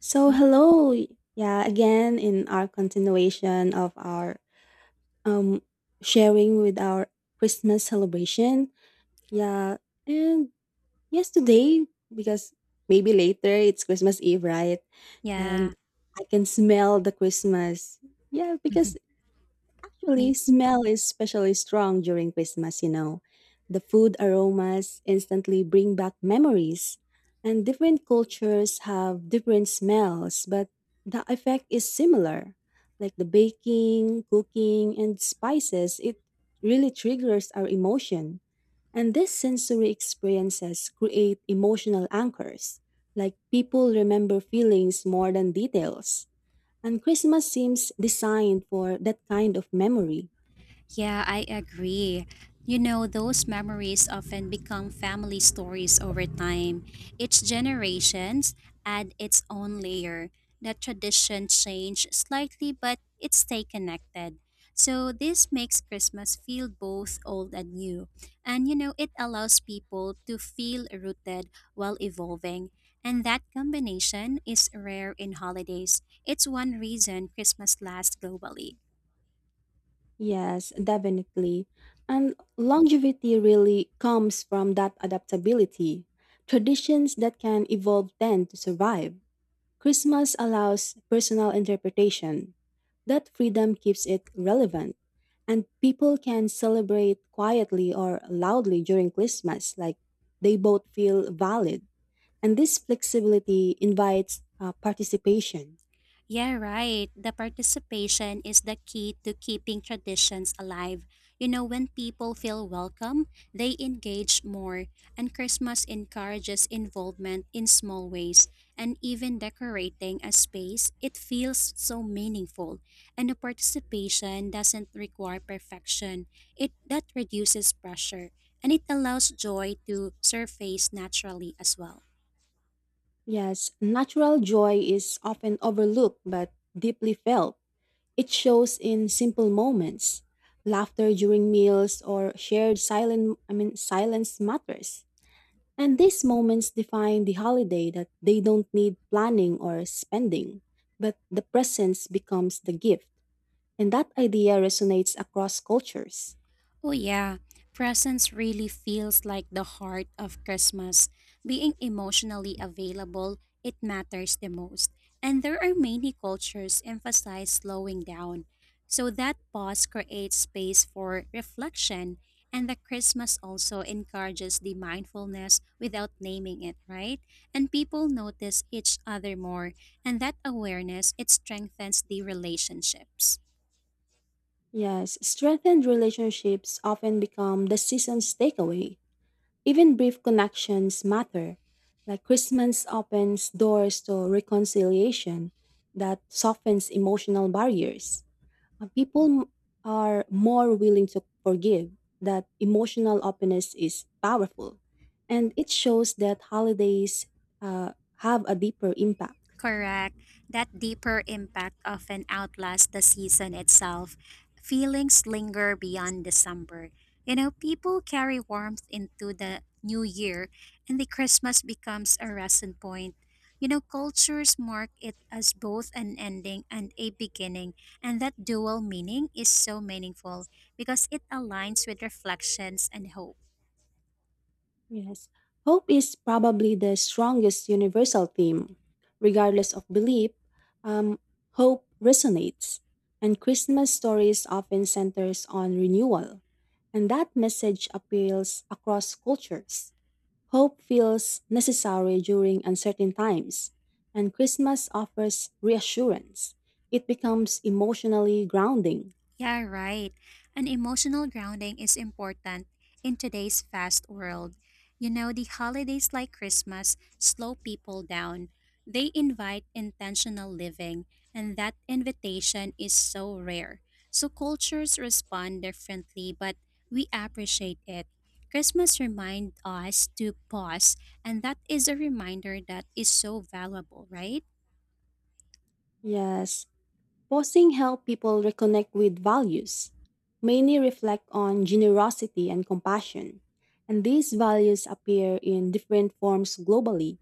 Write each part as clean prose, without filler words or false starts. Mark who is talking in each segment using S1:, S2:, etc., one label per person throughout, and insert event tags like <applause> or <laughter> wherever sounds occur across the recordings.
S1: So
S2: Oh,
S1: hello, yeah, again in our continuation of our um sharing with our Christmas celebration. Yeah, and yes today because maybe later it's Christmas Eve, right?
S2: yeah.
S1: And I can smell the Christmas. Yeah, because
S2: Mhm.
S1: actually,
S2: Me.
S1: smell is especially strong during Christmas. The food aromas instantly bring back memories, and different cultures have different smells, but the effect is similar. Like the baking, cooking, and spices, it really triggers our emotion. And these sensory experiences create emotional anchors. Like people remember feelings more than details. And Christmas seems designed for that kind of memory.
S2: Yeah, I agree. You know, those memories often become family stories over time. Each generations add its own layer. The tradition change slightly, but it stay connected. So this makes Christmas feel both old and new. And you know, it allows people to feel rooted while evolving. And that combination is rare in holidays. It's one reason Christmas lasts globally.
S1: Yes, definitely. And longevity really comes from that adaptability. Traditions that can evolve tend to survive. Christmas allows personal interpretation. That freedom keeps it relevant. And people can celebrate quietly or loudly during Christmas, like they both feel valid. And this flexibility invites participation.
S2: Yeah, right. The participation is the key to keeping traditions alive. You know, when people feel welcome, they engage more, and Christmas encourages involvement in small ways. And even decorating a space, it feels so meaningful. And the participation doesn't require perfection. It that reduces pressure, and it allows joy to surface naturally as well.
S1: Yes, natural joy is often overlooked but deeply felt. It shows in simple moments, laughter during meals or shared silent I mean silence matters. And these moments define the holiday that they don't need planning or spending, but the presence becomes the gift. And that idea resonates across cultures.
S2: Oh, yeah. Presence really feels like the heart of Christmas. Being emotionally available, it matters the most. And there are many cultures emphasize slowing down. So that pause creates space for reflection. And the Christmas also encourages the mindfulness without naming it, right? And people notice each other more. And that awareness, it strengthens the relationships.
S1: Yes, strengthened relationships often become the season's takeaway. Even brief connections matter, like Christmas opens doors to reconciliation that softens emotional barriers. Uh, People m- are more willing to forgive. That emotional openness is powerful, and it shows that holidays have a deeper impact.
S2: Correct. That deeper impact often outlasts the season itself. Feelings linger beyond December. You know, people carry warmth into the new year, and the Christmas becomes a resting point. You know, cultures mark it as both an ending and a beginning, and that dual meaning is so meaningful because it aligns with reflections and hope.
S1: Yes. Hope is probably the strongest universal theme. Regardless of belief, um, hope resonates. And Christmas stories often centers on renewal. And that message appeals across cultures. Hope feels necessary during uncertain times, and Christmas offers reassurance. It becomes emotionally grounding.
S2: Yeah, right. And emotional grounding is important in today's fast world. You know, the holidays like Christmas slow people down. They invite intentional living, and that invitation is so rare. So cultures respond differently, but we appreciate it. Christmas reminds us to pause, and that is a reminder that is so valuable, right?
S1: Yes, posing help people reconnect with values. Many reflect on generosity and compassion, and these values appear in different forms globally.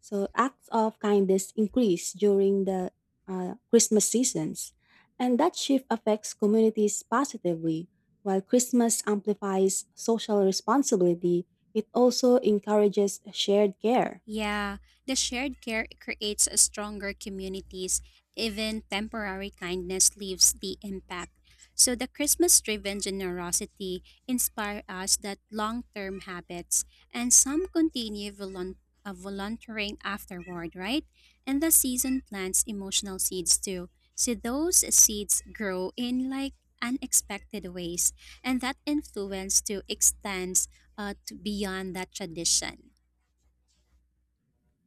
S1: So acts of kindness increase during the Christmas seasons, and that shift affects communities positively. While Christmas amplifies social responsibility, it also encourages shared care.
S2: Yeah, the shared care creates a stronger communities. Even temporary kindness leaves the impact. So the Christmas-driven generosity inspire us that long-term habits, and some continue volunteering afterward, right? And the season plants emotional seeds too. So those seeds grow in like unexpected ways, and that influence to extends to beyond that tradition.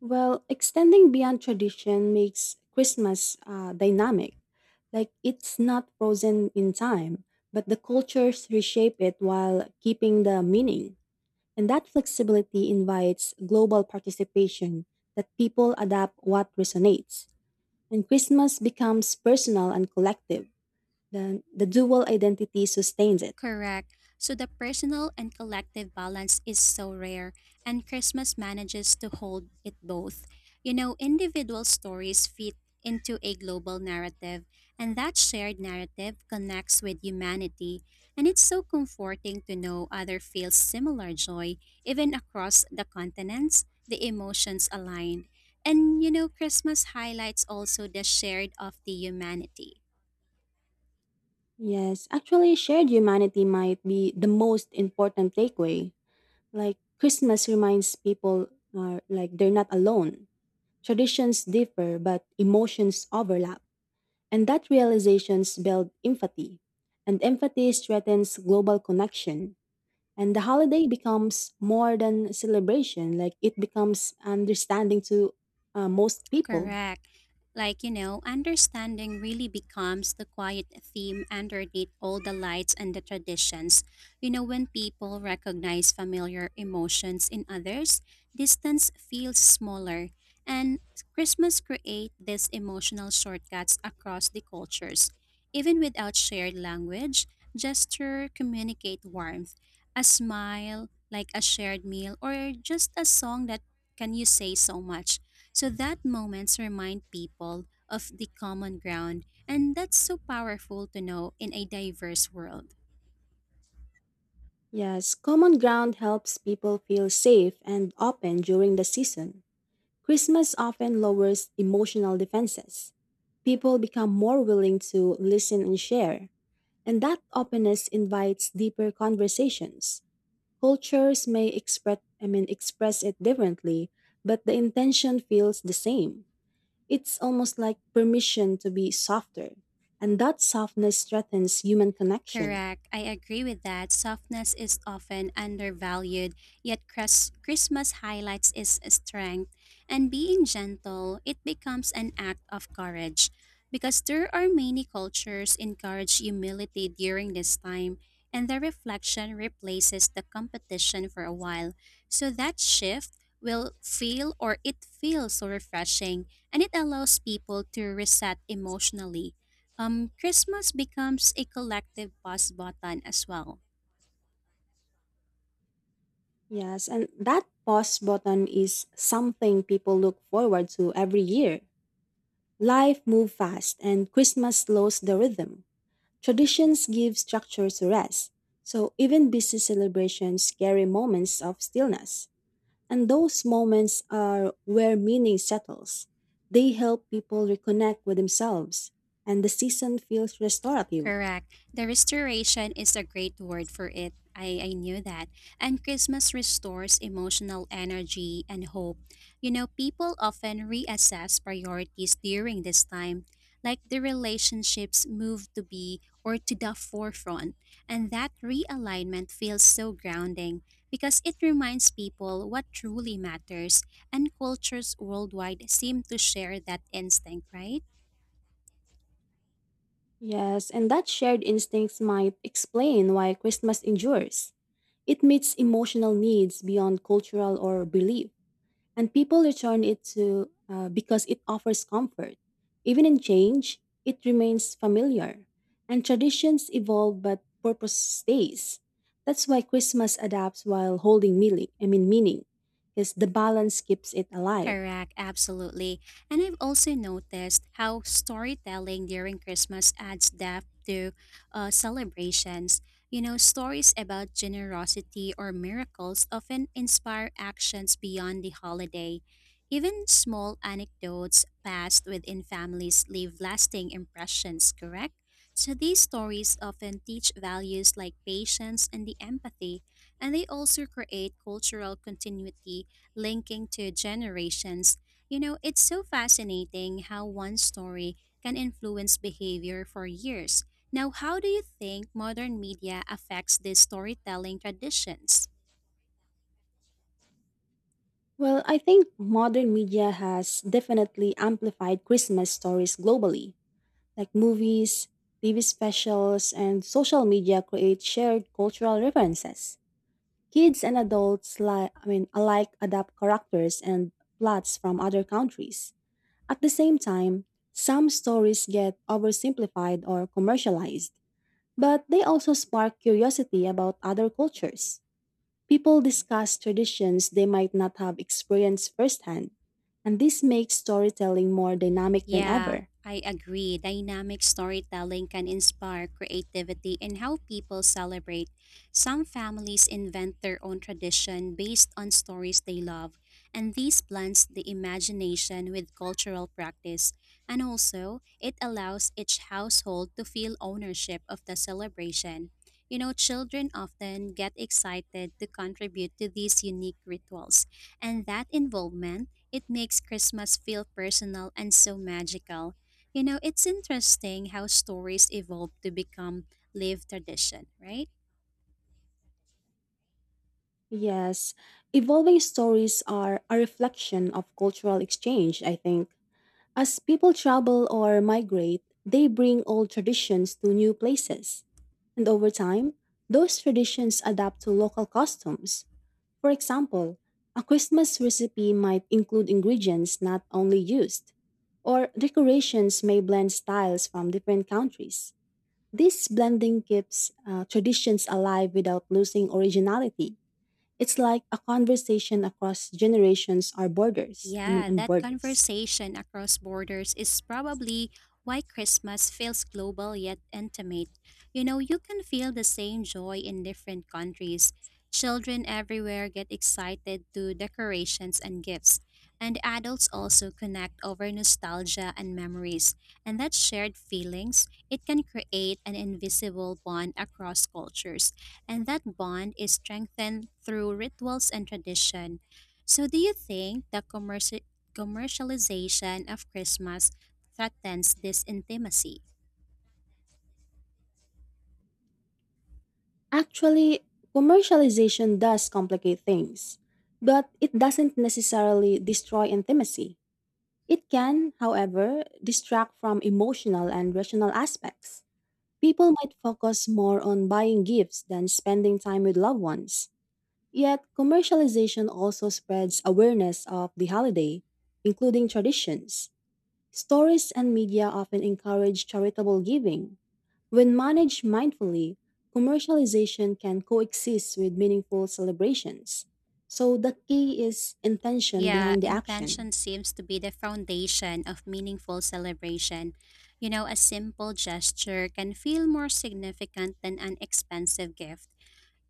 S1: Well, extending beyond tradition makes Christmas dynamic. Like it's not frozen in time, but the cultures reshape it while keeping the meaning. And that flexibility invites global participation that people adapt what resonates. And Christmas becomes personal and collective. The dual identity sustains it.
S2: Correct. So the personal and collective balance is so rare, and Christmas manages to hold it both. You know, individual stories fit into a global narrative, and that shared narrative connects with humanity. And it's so comforting to know others feel similar joy, even across the continents, the emotions aligned. And you know, Christmas highlights also the shared of the humanity.
S1: Yes, actually, shared humanity might be the most important takeaway. Like Christmas reminds people like they're not alone. Traditions differ, but emotions overlap. And that realizations build empathy. And empathy strengthens global connection. And the holiday becomes more than celebration, like it becomes understanding to most people.
S2: Correct. Like, you know, understanding really becomes the quiet theme underneath all the lights and the traditions. You know, when people recognize familiar emotions in others, distance feels smaller. And Christmas create these emotional shortcuts across the cultures. Even without shared language, gesture communicate warmth. A smile, like a shared meal, or just a song that can you say so much so that moments remind people of the common ground, and that's so powerful to know in a diverse world.
S1: Yes, common ground helps people feel safe and open during the season. Christmas often lowers emotional defenses. People become more willing to listen and share, and that openness invites deeper conversations. Cultures may express I mean express it differently, but the intention feels the same. It's almost like permission to be softer, and that softness strengthens human connection.
S2: Correct. I agree with that. Softness is often undervalued, yet Christmas highlights its strength. And being gentle, it becomes an act of courage. Because there are many cultures encourage humility during this time, and the reflection replaces the competition for a while. So that shift will feel or it feels so refreshing, and it allows people to reset emotionally. Christmas becomes a collective pause button as well.
S1: Yes, and that pause button is something people look forward to every year. Life moves fast and Christmas slows the rhythm. Traditions give structure to rest, so even busy celebrations carry moments of stillness. And those moments are where meaning settles. They help people reconnect with themselves, and the season feels restorative.
S2: Correct. The restoration is a great word for it. I knew that. And Christmas restores emotional energy and hope. You know, people often reassess priorities during this time, like the relationships move to be or to the forefront. And that realignment feels so grounding because it reminds people what truly matters, and cultures worldwide seem to share that instinct, right?
S1: Yes, and that shared instincts might explain why Christmas endures. It meets emotional needs beyond cultural or belief. And people return it to because it offers comfort. Even in change, it remains familiar. And traditions evolve, but purpose stays. That's why Christmas adapts while holding meaning. I mean meaning, because the balance keeps it alive.
S2: Correct, absolutely. And I've also noticed how storytelling during Christmas adds depth to celebrations. You know, stories about generosity or miracles often inspire actions beyond the holiday. Even small anecdotes passed within families leave lasting impressions, correct? So these stories often teach values like patience and the empathy, and they also create cultural continuity linking to generations. You know, it's so fascinating how one story can influence behavior for years. Now, how do you think modern media affects these storytelling traditions?
S1: Well, I think modern media has definitely amplified Christmas stories globally, like movies, TV specials, and social media create shared cultural references. Kids and adults li- I mean alike adapt characters and plots from other countries. At the same time, some stories get oversimplified or commercialized, but they also spark curiosity about other cultures. People discuss traditions they might not have experienced firsthand, and this makes storytelling more dynamic than
S2: Yeah,
S1: ever.
S2: I agree. Dynamic storytelling can inspire creativity in how people celebrate. Some families invent their own tradition based on stories they love, and this blends the imagination with cultural practice. And also, it allows each household to feel ownership of the celebration. You know, children often get excited to contribute to these unique rituals, and that involvement it makes Christmas feel personal and so magical. You know, it's interesting how stories evolve to become live tradition, right?
S1: Yes, evolving stories are a reflection of cultural exchange, I think. As people travel or migrate, they bring old traditions to new places. And over time, those traditions adapt to local customs. For example, a Christmas recipe might include ingredients not only used, or decorations may blend styles from different countries. This blending keeps traditions alive without losing originality. It's like a conversation across generations or
S2: Yeah,
S1: and
S2: that
S1: borders.
S2: conversation across borders is probably why Christmas feels global yet intimate. You know, you can feel the same joy in different countries. Children everywhere get excited to decorations and gifts, and adults also connect over nostalgia and memories. And that shared feelings, it can create an invisible bond across cultures. And that bond is strengthened through rituals and tradition. So, do you think the commercialization of Christmas threatens this intimacy?
S1: Actually, commercialization does complicate things, but it doesn't necessarily destroy intimacy. It can, however, distract from emotional and rational aspects. People might focus more on buying gifts than spending time with loved ones. Yet, commercialization also spreads awareness of the holiday, including traditions. Stories and media often encourage charitable giving. When managed mindfully, commercialization can coexist with meaningful celebrations. So the key is intention
S2: Yeah,
S1: behind the action.
S2: intention seems to be the foundation of meaningful celebration. You know, a simple gesture can feel more significant than an expensive gift.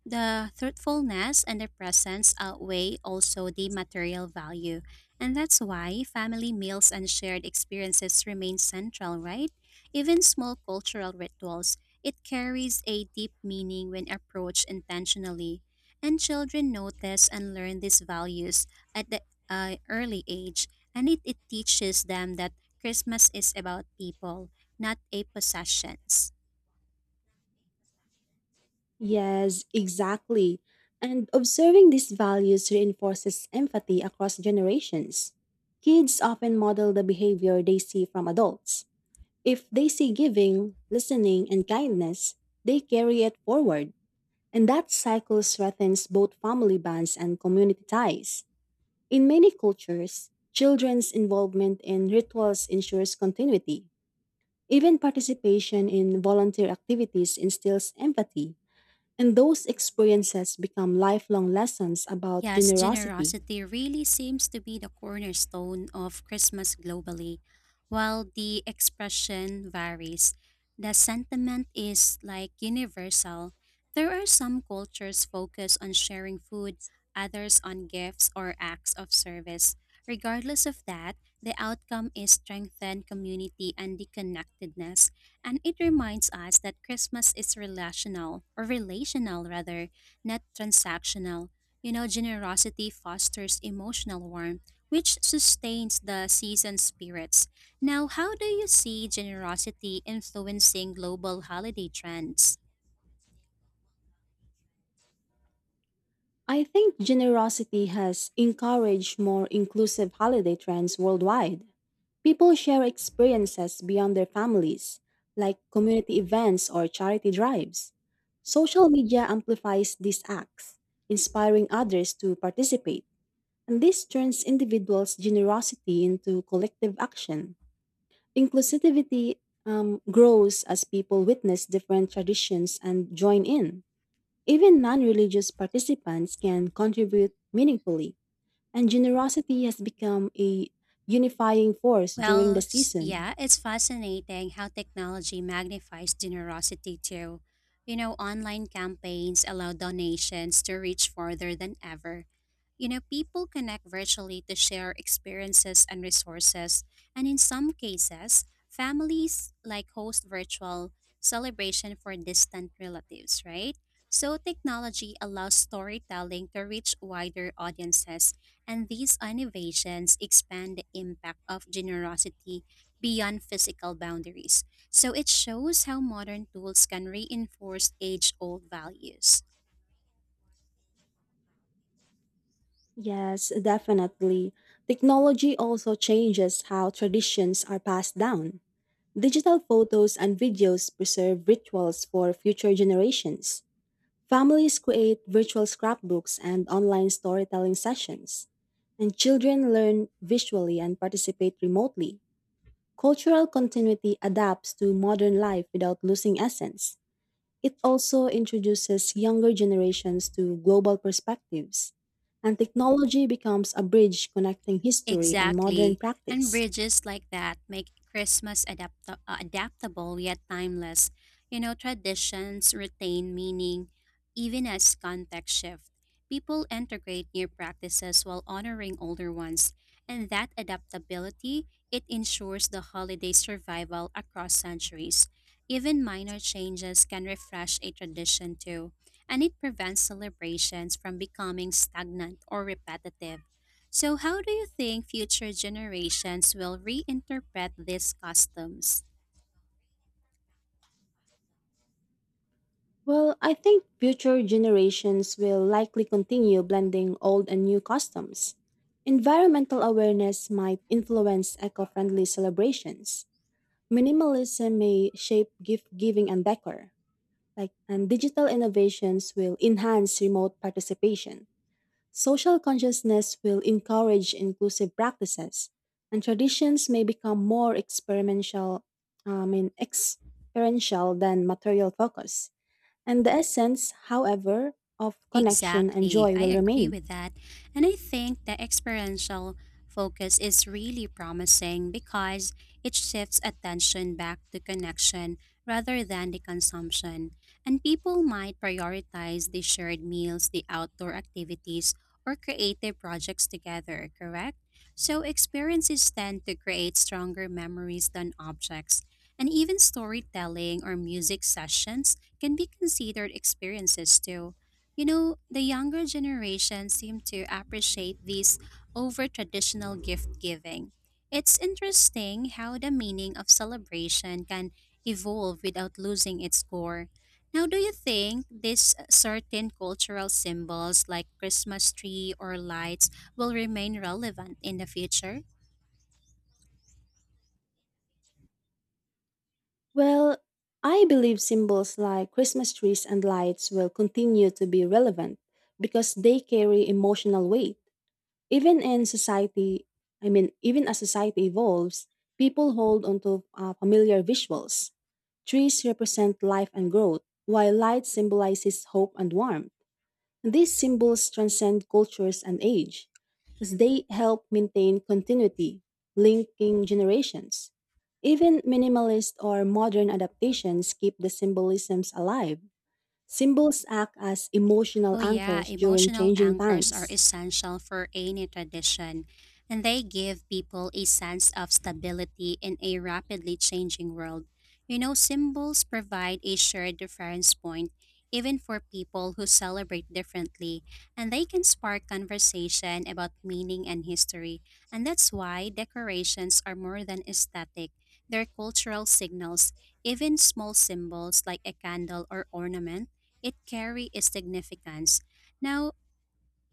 S2: The thoughtfulness and the presence outweigh also the material value. And that's why family meals and shared experiences remain central, right? Even small cultural rituals, it carries a deep meaning when approached intentionally. And children notice and learn these values at the early age. And it teaches them that Christmas is about people, not a possessions.
S1: Yes, exactly. And observing these values reinforces empathy across generations. Kids often model the behavior they see from adults. If they see giving, listening, and kindness, they carry it forward. And that cycle strengthens both family bonds and community ties. In many cultures, children's involvement in rituals ensures continuity. Even participation in volunteer activities instills empathy, and those experiences become lifelong lessons about
S2: Yes,
S1: generosity.
S2: generosity really seems to be the cornerstone of Christmas globally. While the expression varies, the sentiment is like universal. There are some cultures focused on sharing food, others on gifts or acts of service. Regardless of that, the outcome is strengthened community and the connectedness, and it reminds us that Christmas is relational or relational rather, not transactional. You know, generosity fosters emotional warmth, which sustains the season's spirits. Now, how do you see generosity influencing global holiday trends?
S1: I think generosity has encouraged more inclusive holiday trends worldwide. People share experiences beyond their families, like community events or charity drives. Social media amplifies these acts, inspiring others to participate, and this turns individuals' generosity into collective action. Inclusivity grows as people witness different traditions and join in. Even non religious participants can contribute meaningfully, and generosity has become a unifying force during the season.
S2: Yeah, it's fascinating how technology magnifies generosity too. You know, online campaigns allow donations to reach farther than ever. You know, people connect virtually to share experiences and resources, and in some cases, families like host virtual celebration for distant relatives, right? So technology allows storytelling to reach wider audiences, and these innovations expand the impact of generosity beyond physical boundaries. So it shows how modern tools can reinforce age-old values.
S1: Yes, definitely. Technology also changes how traditions are passed down. Digital photos and videos preserve rituals for future generations. Families create virtual scrapbooks and online storytelling sessions. And children learn visually and participate remotely. Cultural continuity adapts to modern life without losing essence. It also introduces younger generations to global perspectives, and technology becomes a bridge connecting history and modern
S2: Exactly. And
S1: practice.
S2: bridges like that make Christmas adaptable yet timeless. You know, traditions retain meaning even as context shift. People integrate new practices while honoring older ones, and that adaptability, it ensures the holiday survival across centuries. Even minor changes can refresh a tradition too, and it prevents celebrations from becoming stagnant or repetitive. So, how do you think future generations will reinterpret these customs?
S1: Well, I think future generations will likely continue blending old and new customs. Environmental awareness might influence eco friendly celebrations. Minimalism may shape gift giving and decor, like and digital innovations will enhance remote participation. Social consciousness will encourage inclusive practices, and traditions may become more experiential than material focus. And the essence, however, of connection and
S2: Exactly.
S1: joy
S2: I
S1: will
S2: agree
S1: remain.
S2: with that. And I think the experiential focus is really promising because it shifts attention back to connection rather than the consumption. And people might prioritize the shared meals, the outdoor activities, or creative projects together, correct? So experiences tend to create stronger memories than objects. And even storytelling or music sessions can be considered experiences too. You know, the younger generation seem to appreciate these over traditional gift giving. It's interesting how the meaning of celebration can evolve without losing its core. Now, do you think these certain cultural symbols like Christmas tree or lights will remain relevant in the future?
S1: Well, I believe symbols like Christmas trees and lights will continue to be relevant because they carry emotional weight. Even in society, I mean, Even as society evolves, people hold onto familiar visuals. Trees represent life and growth, while light symbolizes hope and warmth. These symbols transcend cultures and age, as they help maintain continuity, linking generations. Even minimalist or modern adaptations keep the symbolisms alive. Symbols act as emotional
S2: Oh, yeah,
S1: anchors during
S2: emotional
S1: changing
S2: anchors are
S1: times.
S2: essential for any tradition, and they give people a sense of stability in a rapidly changing world. You know, symbols provide a shared reference point, even for people who celebrate differently, and they can spark conversation about meaning and history. And that's why decorations are more than aesthetic, they're cultural signals. Even small symbols like a candle or ornament it carry a significance. Now,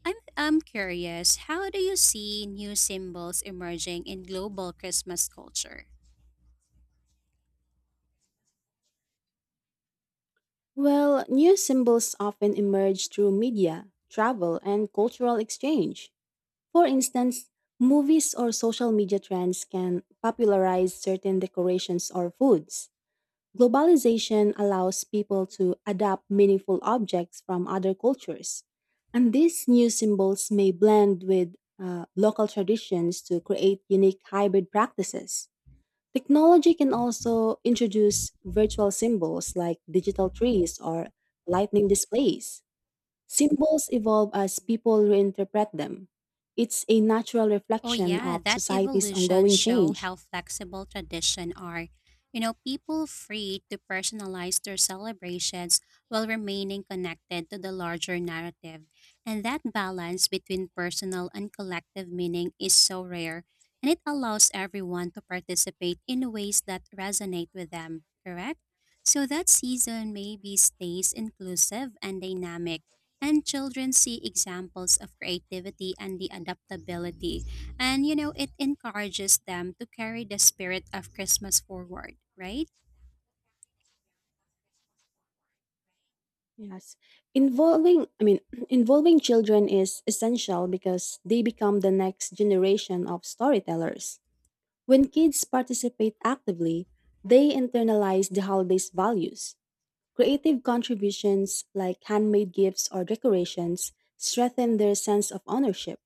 S2: I'm curious, how do you see new symbols emerging in global Christmas culture?
S1: Well, new symbols often emerge through media, travel, and cultural exchange. For instance, movies or social media trends can popularize certain decorations or foods. Globalization allows people to adapt meaningful objects from other cultures. And these new symbols may blend with local traditions to create unique hybrid practices. Technology can also introduce virtual symbols like digital trees or lightning displays. Symbols evolve as people reinterpret them. It's a natural
S2: Oh
S1: reflection
S2: yeah,
S1: of
S2: that
S1: society's
S2: evolution
S1: ongoing
S2: show
S1: change.
S2: how flexible tradition are. You know, people free to personalize their celebrations while remaining connected to the larger narrative. And that balance between personal and collective meaning is so rare, and it allows everyone to participate in ways that resonate with them, correct? So that season maybe stays inclusive and dynamic, and children see examples of creativity and the adaptability and you know, it encourages them to carry the spirit of Christmas forward, right?
S1: Yes. Involving I mean <clears throat> involving children is essential because they become the next generation of storytellers. When kids participate actively, they internalize the holiday's values. Creative contributions like handmade gifts or decorations strengthen their sense of ownership,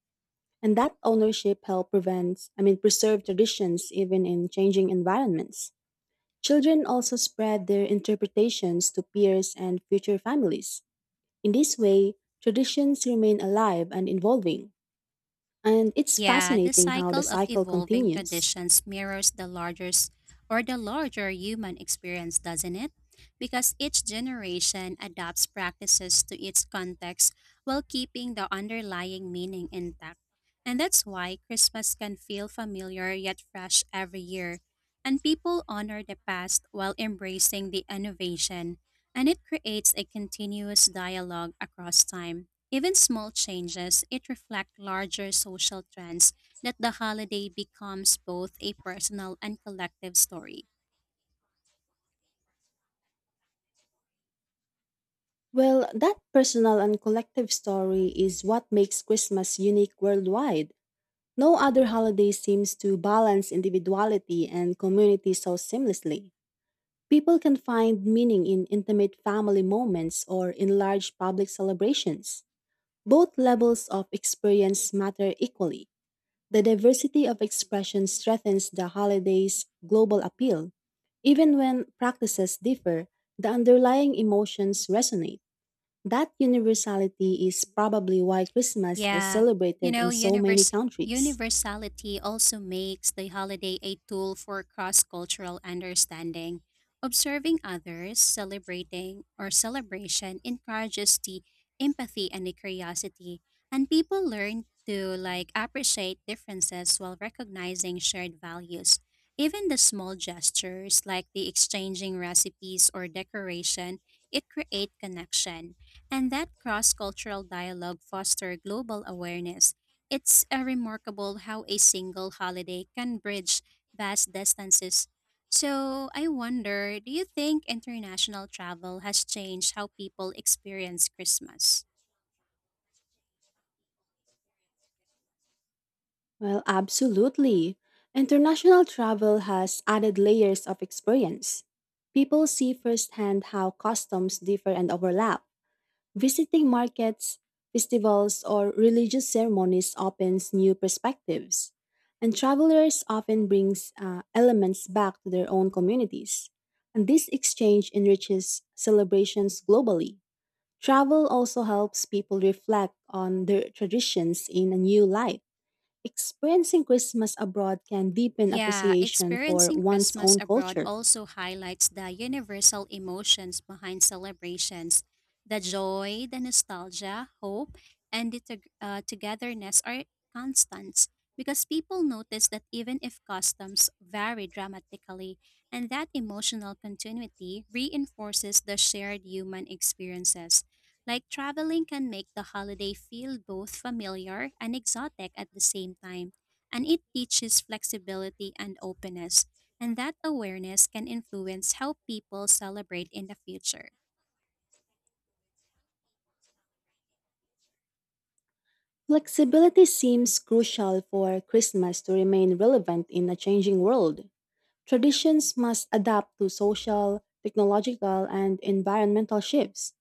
S1: and that ownership help preserve traditions even in changing environments. Children also spread their interpretations to peers and future families. In this way, traditions remain alive and evolving, and it's
S2: Yeah, the
S1: fascinating how the
S2: cycle of
S1: cycle
S2: evolving
S1: continues.
S2: traditions mirrors the larger or the larger human experience, doesn't it? Because each generation adapts practices to its context while keeping the underlying meaning intact. And that's why Christmas can feel familiar yet fresh every year. And people honor the past while embracing the innovation, and it creates a continuous dialogue across time. Even small changes, it reflect larger social trends that the holiday becomes both a personal and collective story.
S1: Well, that personal and collective story is what makes Christmas unique worldwide. No other holiday seems to balance individuality and community so seamlessly. People can find meaning in intimate family moments or in large public celebrations. Both levels of experience matter equally. The diversity of expression strengthens the holiday's global appeal. Even when practices differ, the underlying emotions resonate. That universality is probably why Christmas is
S2: Yeah, you
S1: celebrated
S2: know,
S1: in so many countries.
S2: universality also makes the holiday a tool for cross cultural understanding. Observing others, celebrating, or celebration encourages the empathy and the curiosity, and people learn to like appreciate differences while recognizing shared values. Even the small gestures like the exchanging recipes or decoration, it create connection and that cross cultural dialogue foster global awareness. It's a remarkable how a single holiday can bridge vast distances. So, I wonder do you think international travel has changed how people experience Christmas?
S1: Well, absolutely. International travel has added layers of experience. People see firsthand how customs differ and overlap. Visiting markets, festivals, or religious ceremonies opens new perspectives. And travelers often brings elements back to their own communities. And this exchange enriches celebrations globally. Travel also helps people reflect on their traditions in a new light. Experiencing Christmas abroad can deepen
S2: Yeah,
S1: appreciation for
S2: experiencing
S1: one's
S2: Christmas
S1: own
S2: abroad
S1: culture.
S2: also highlights the universal emotions behind celebrations. The joy, the nostalgia, hope, and the togetherness are constants because people notice that even if customs vary dramatically, and that emotional continuity reinforces the shared human experiences. Like traveling can make the holiday feel both familiar and exotic at the same time and it teaches flexibility and openness. And that awareness can influence how people celebrate in the future.
S1: Flexibility seems crucial for Christmas to remain relevant in a changing world. Traditions must adapt to social, technological, and environmental shifts.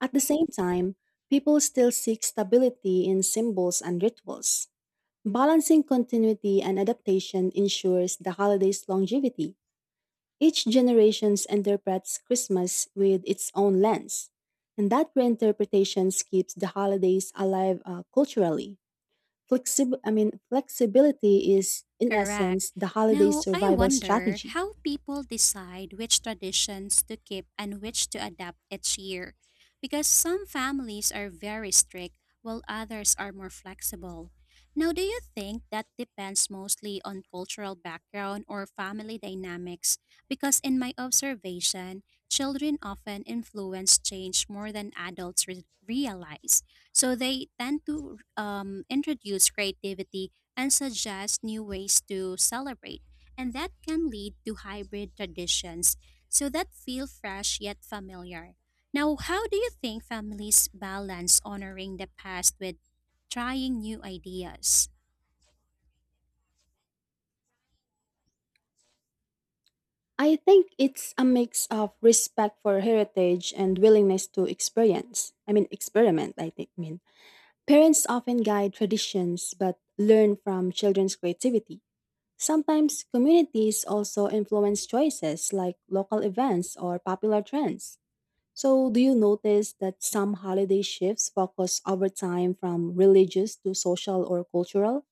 S1: At the same time, people still seek stability in symbols and rituals. Balancing continuity and adaptation ensures the holiday's longevity. Each generation interprets Christmas with its own lens, and that reinterpretation keeps the holidays alive culturally. Flexibility is, in
S2: Correct.
S1: essence, the holiday
S2: Now, I
S1: survival
S2: wonder
S1: strategy.
S2: how people decide which traditions to keep and which to adapt each year. Because some families are very strict while others are more flexible. Now, do you think that depends mostly on cultural background or family dynamics? Because in my observation, children often influence change more than adults realize. So they tend to introduce creativity and suggest new ways to celebrate. And that can lead to hybrid traditions so that feel fresh yet familiar. Now, how do you think families balance honoring the past with trying new ideas?
S1: I think it's a mix of respect for heritage and willingness to experiment, I think. I mean, parents often guide traditions but learn from children's creativity. Sometimes communities also influence choices like local events or popular trends. So, do you notice that some holiday shifts focus over time from religious to social or cultural?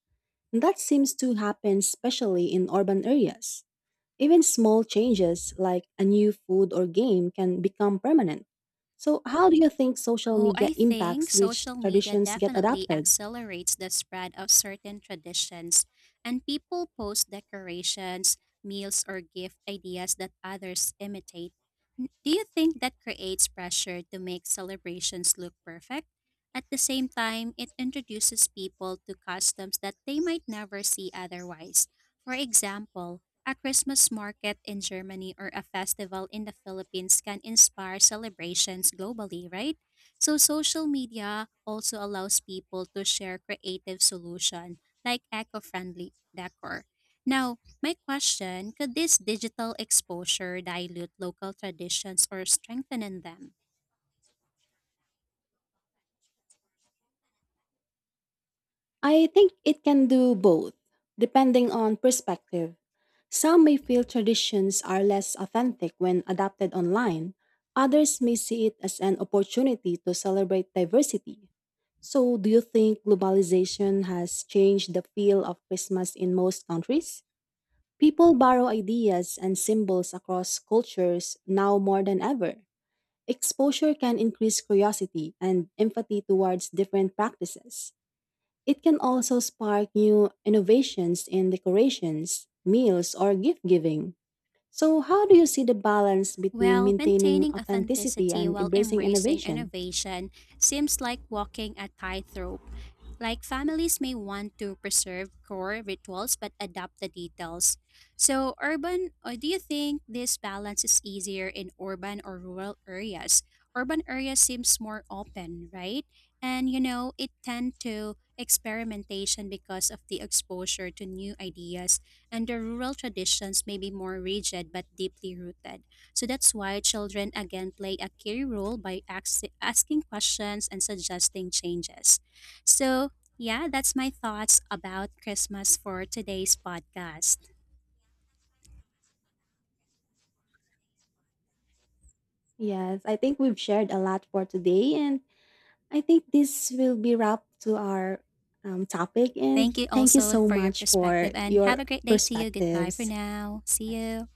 S1: And that seems to happen especially in urban areas. Even small changes like a new food or game can become permanent. So, how do you think social
S2: Oh,
S1: media
S2: I think
S1: impacts which
S2: social media
S1: traditions get
S2: definitely
S1: adapted?
S2: accelerates the spread of certain traditions, and people post decorations, meals, or gift ideas that others imitate. Do you think that creates pressure to make celebrations look perfect? At the same time, it introduces people to customs that they might never see otherwise. For example, a Christmas market in Germany or a festival in the Philippines can inspire celebrations globally, right? So social media also allows people to share creative solution like eco-friendly decor. Now, my question, could this digital exposure dilute local traditions or strengthen them?
S1: I think it can do both, depending on perspective. Some may feel traditions are less authentic when adapted online, others may see it as an opportunity to celebrate diversity. So, do you think globalization has changed the feel of Christmas in most countries? People borrow ideas and symbols across cultures now more than ever. Exposure can increase curiosity and empathy towards different practices. It can also spark new innovations in decorations, meals, or gift giving. So, how do you see the balance between
S2: Well,
S1: maintaining
S2: maintaining
S1: authenticity
S2: authenticity
S1: and
S2: while
S1: embracing
S2: embracing
S1: innovation?
S2: innovation seems like walking a tightrope. Like families may want to preserve core rituals but adapt the details. So, urban, or do you think this balance is easier in urban or rural areas? Urban areas seems more open, right? And you know, it tend to experimentation because of the exposure to new ideas, and the rural traditions may be more rigid but deeply rooted. So that's why children again play a key role by asking questions and suggesting changes. So, yeah, that's my thoughts about Christmas for today's podcast.
S1: Yes, I think we've shared a lot for today, and I think this will be wrapped to our topic.
S2: Thank
S1: And
S2: you
S1: thank you
S2: also
S1: so
S2: for your
S1: much for
S2: perspective and have
S1: your
S2: a great day to you. Goodbye for
S1: perspectives.
S2: now. See you.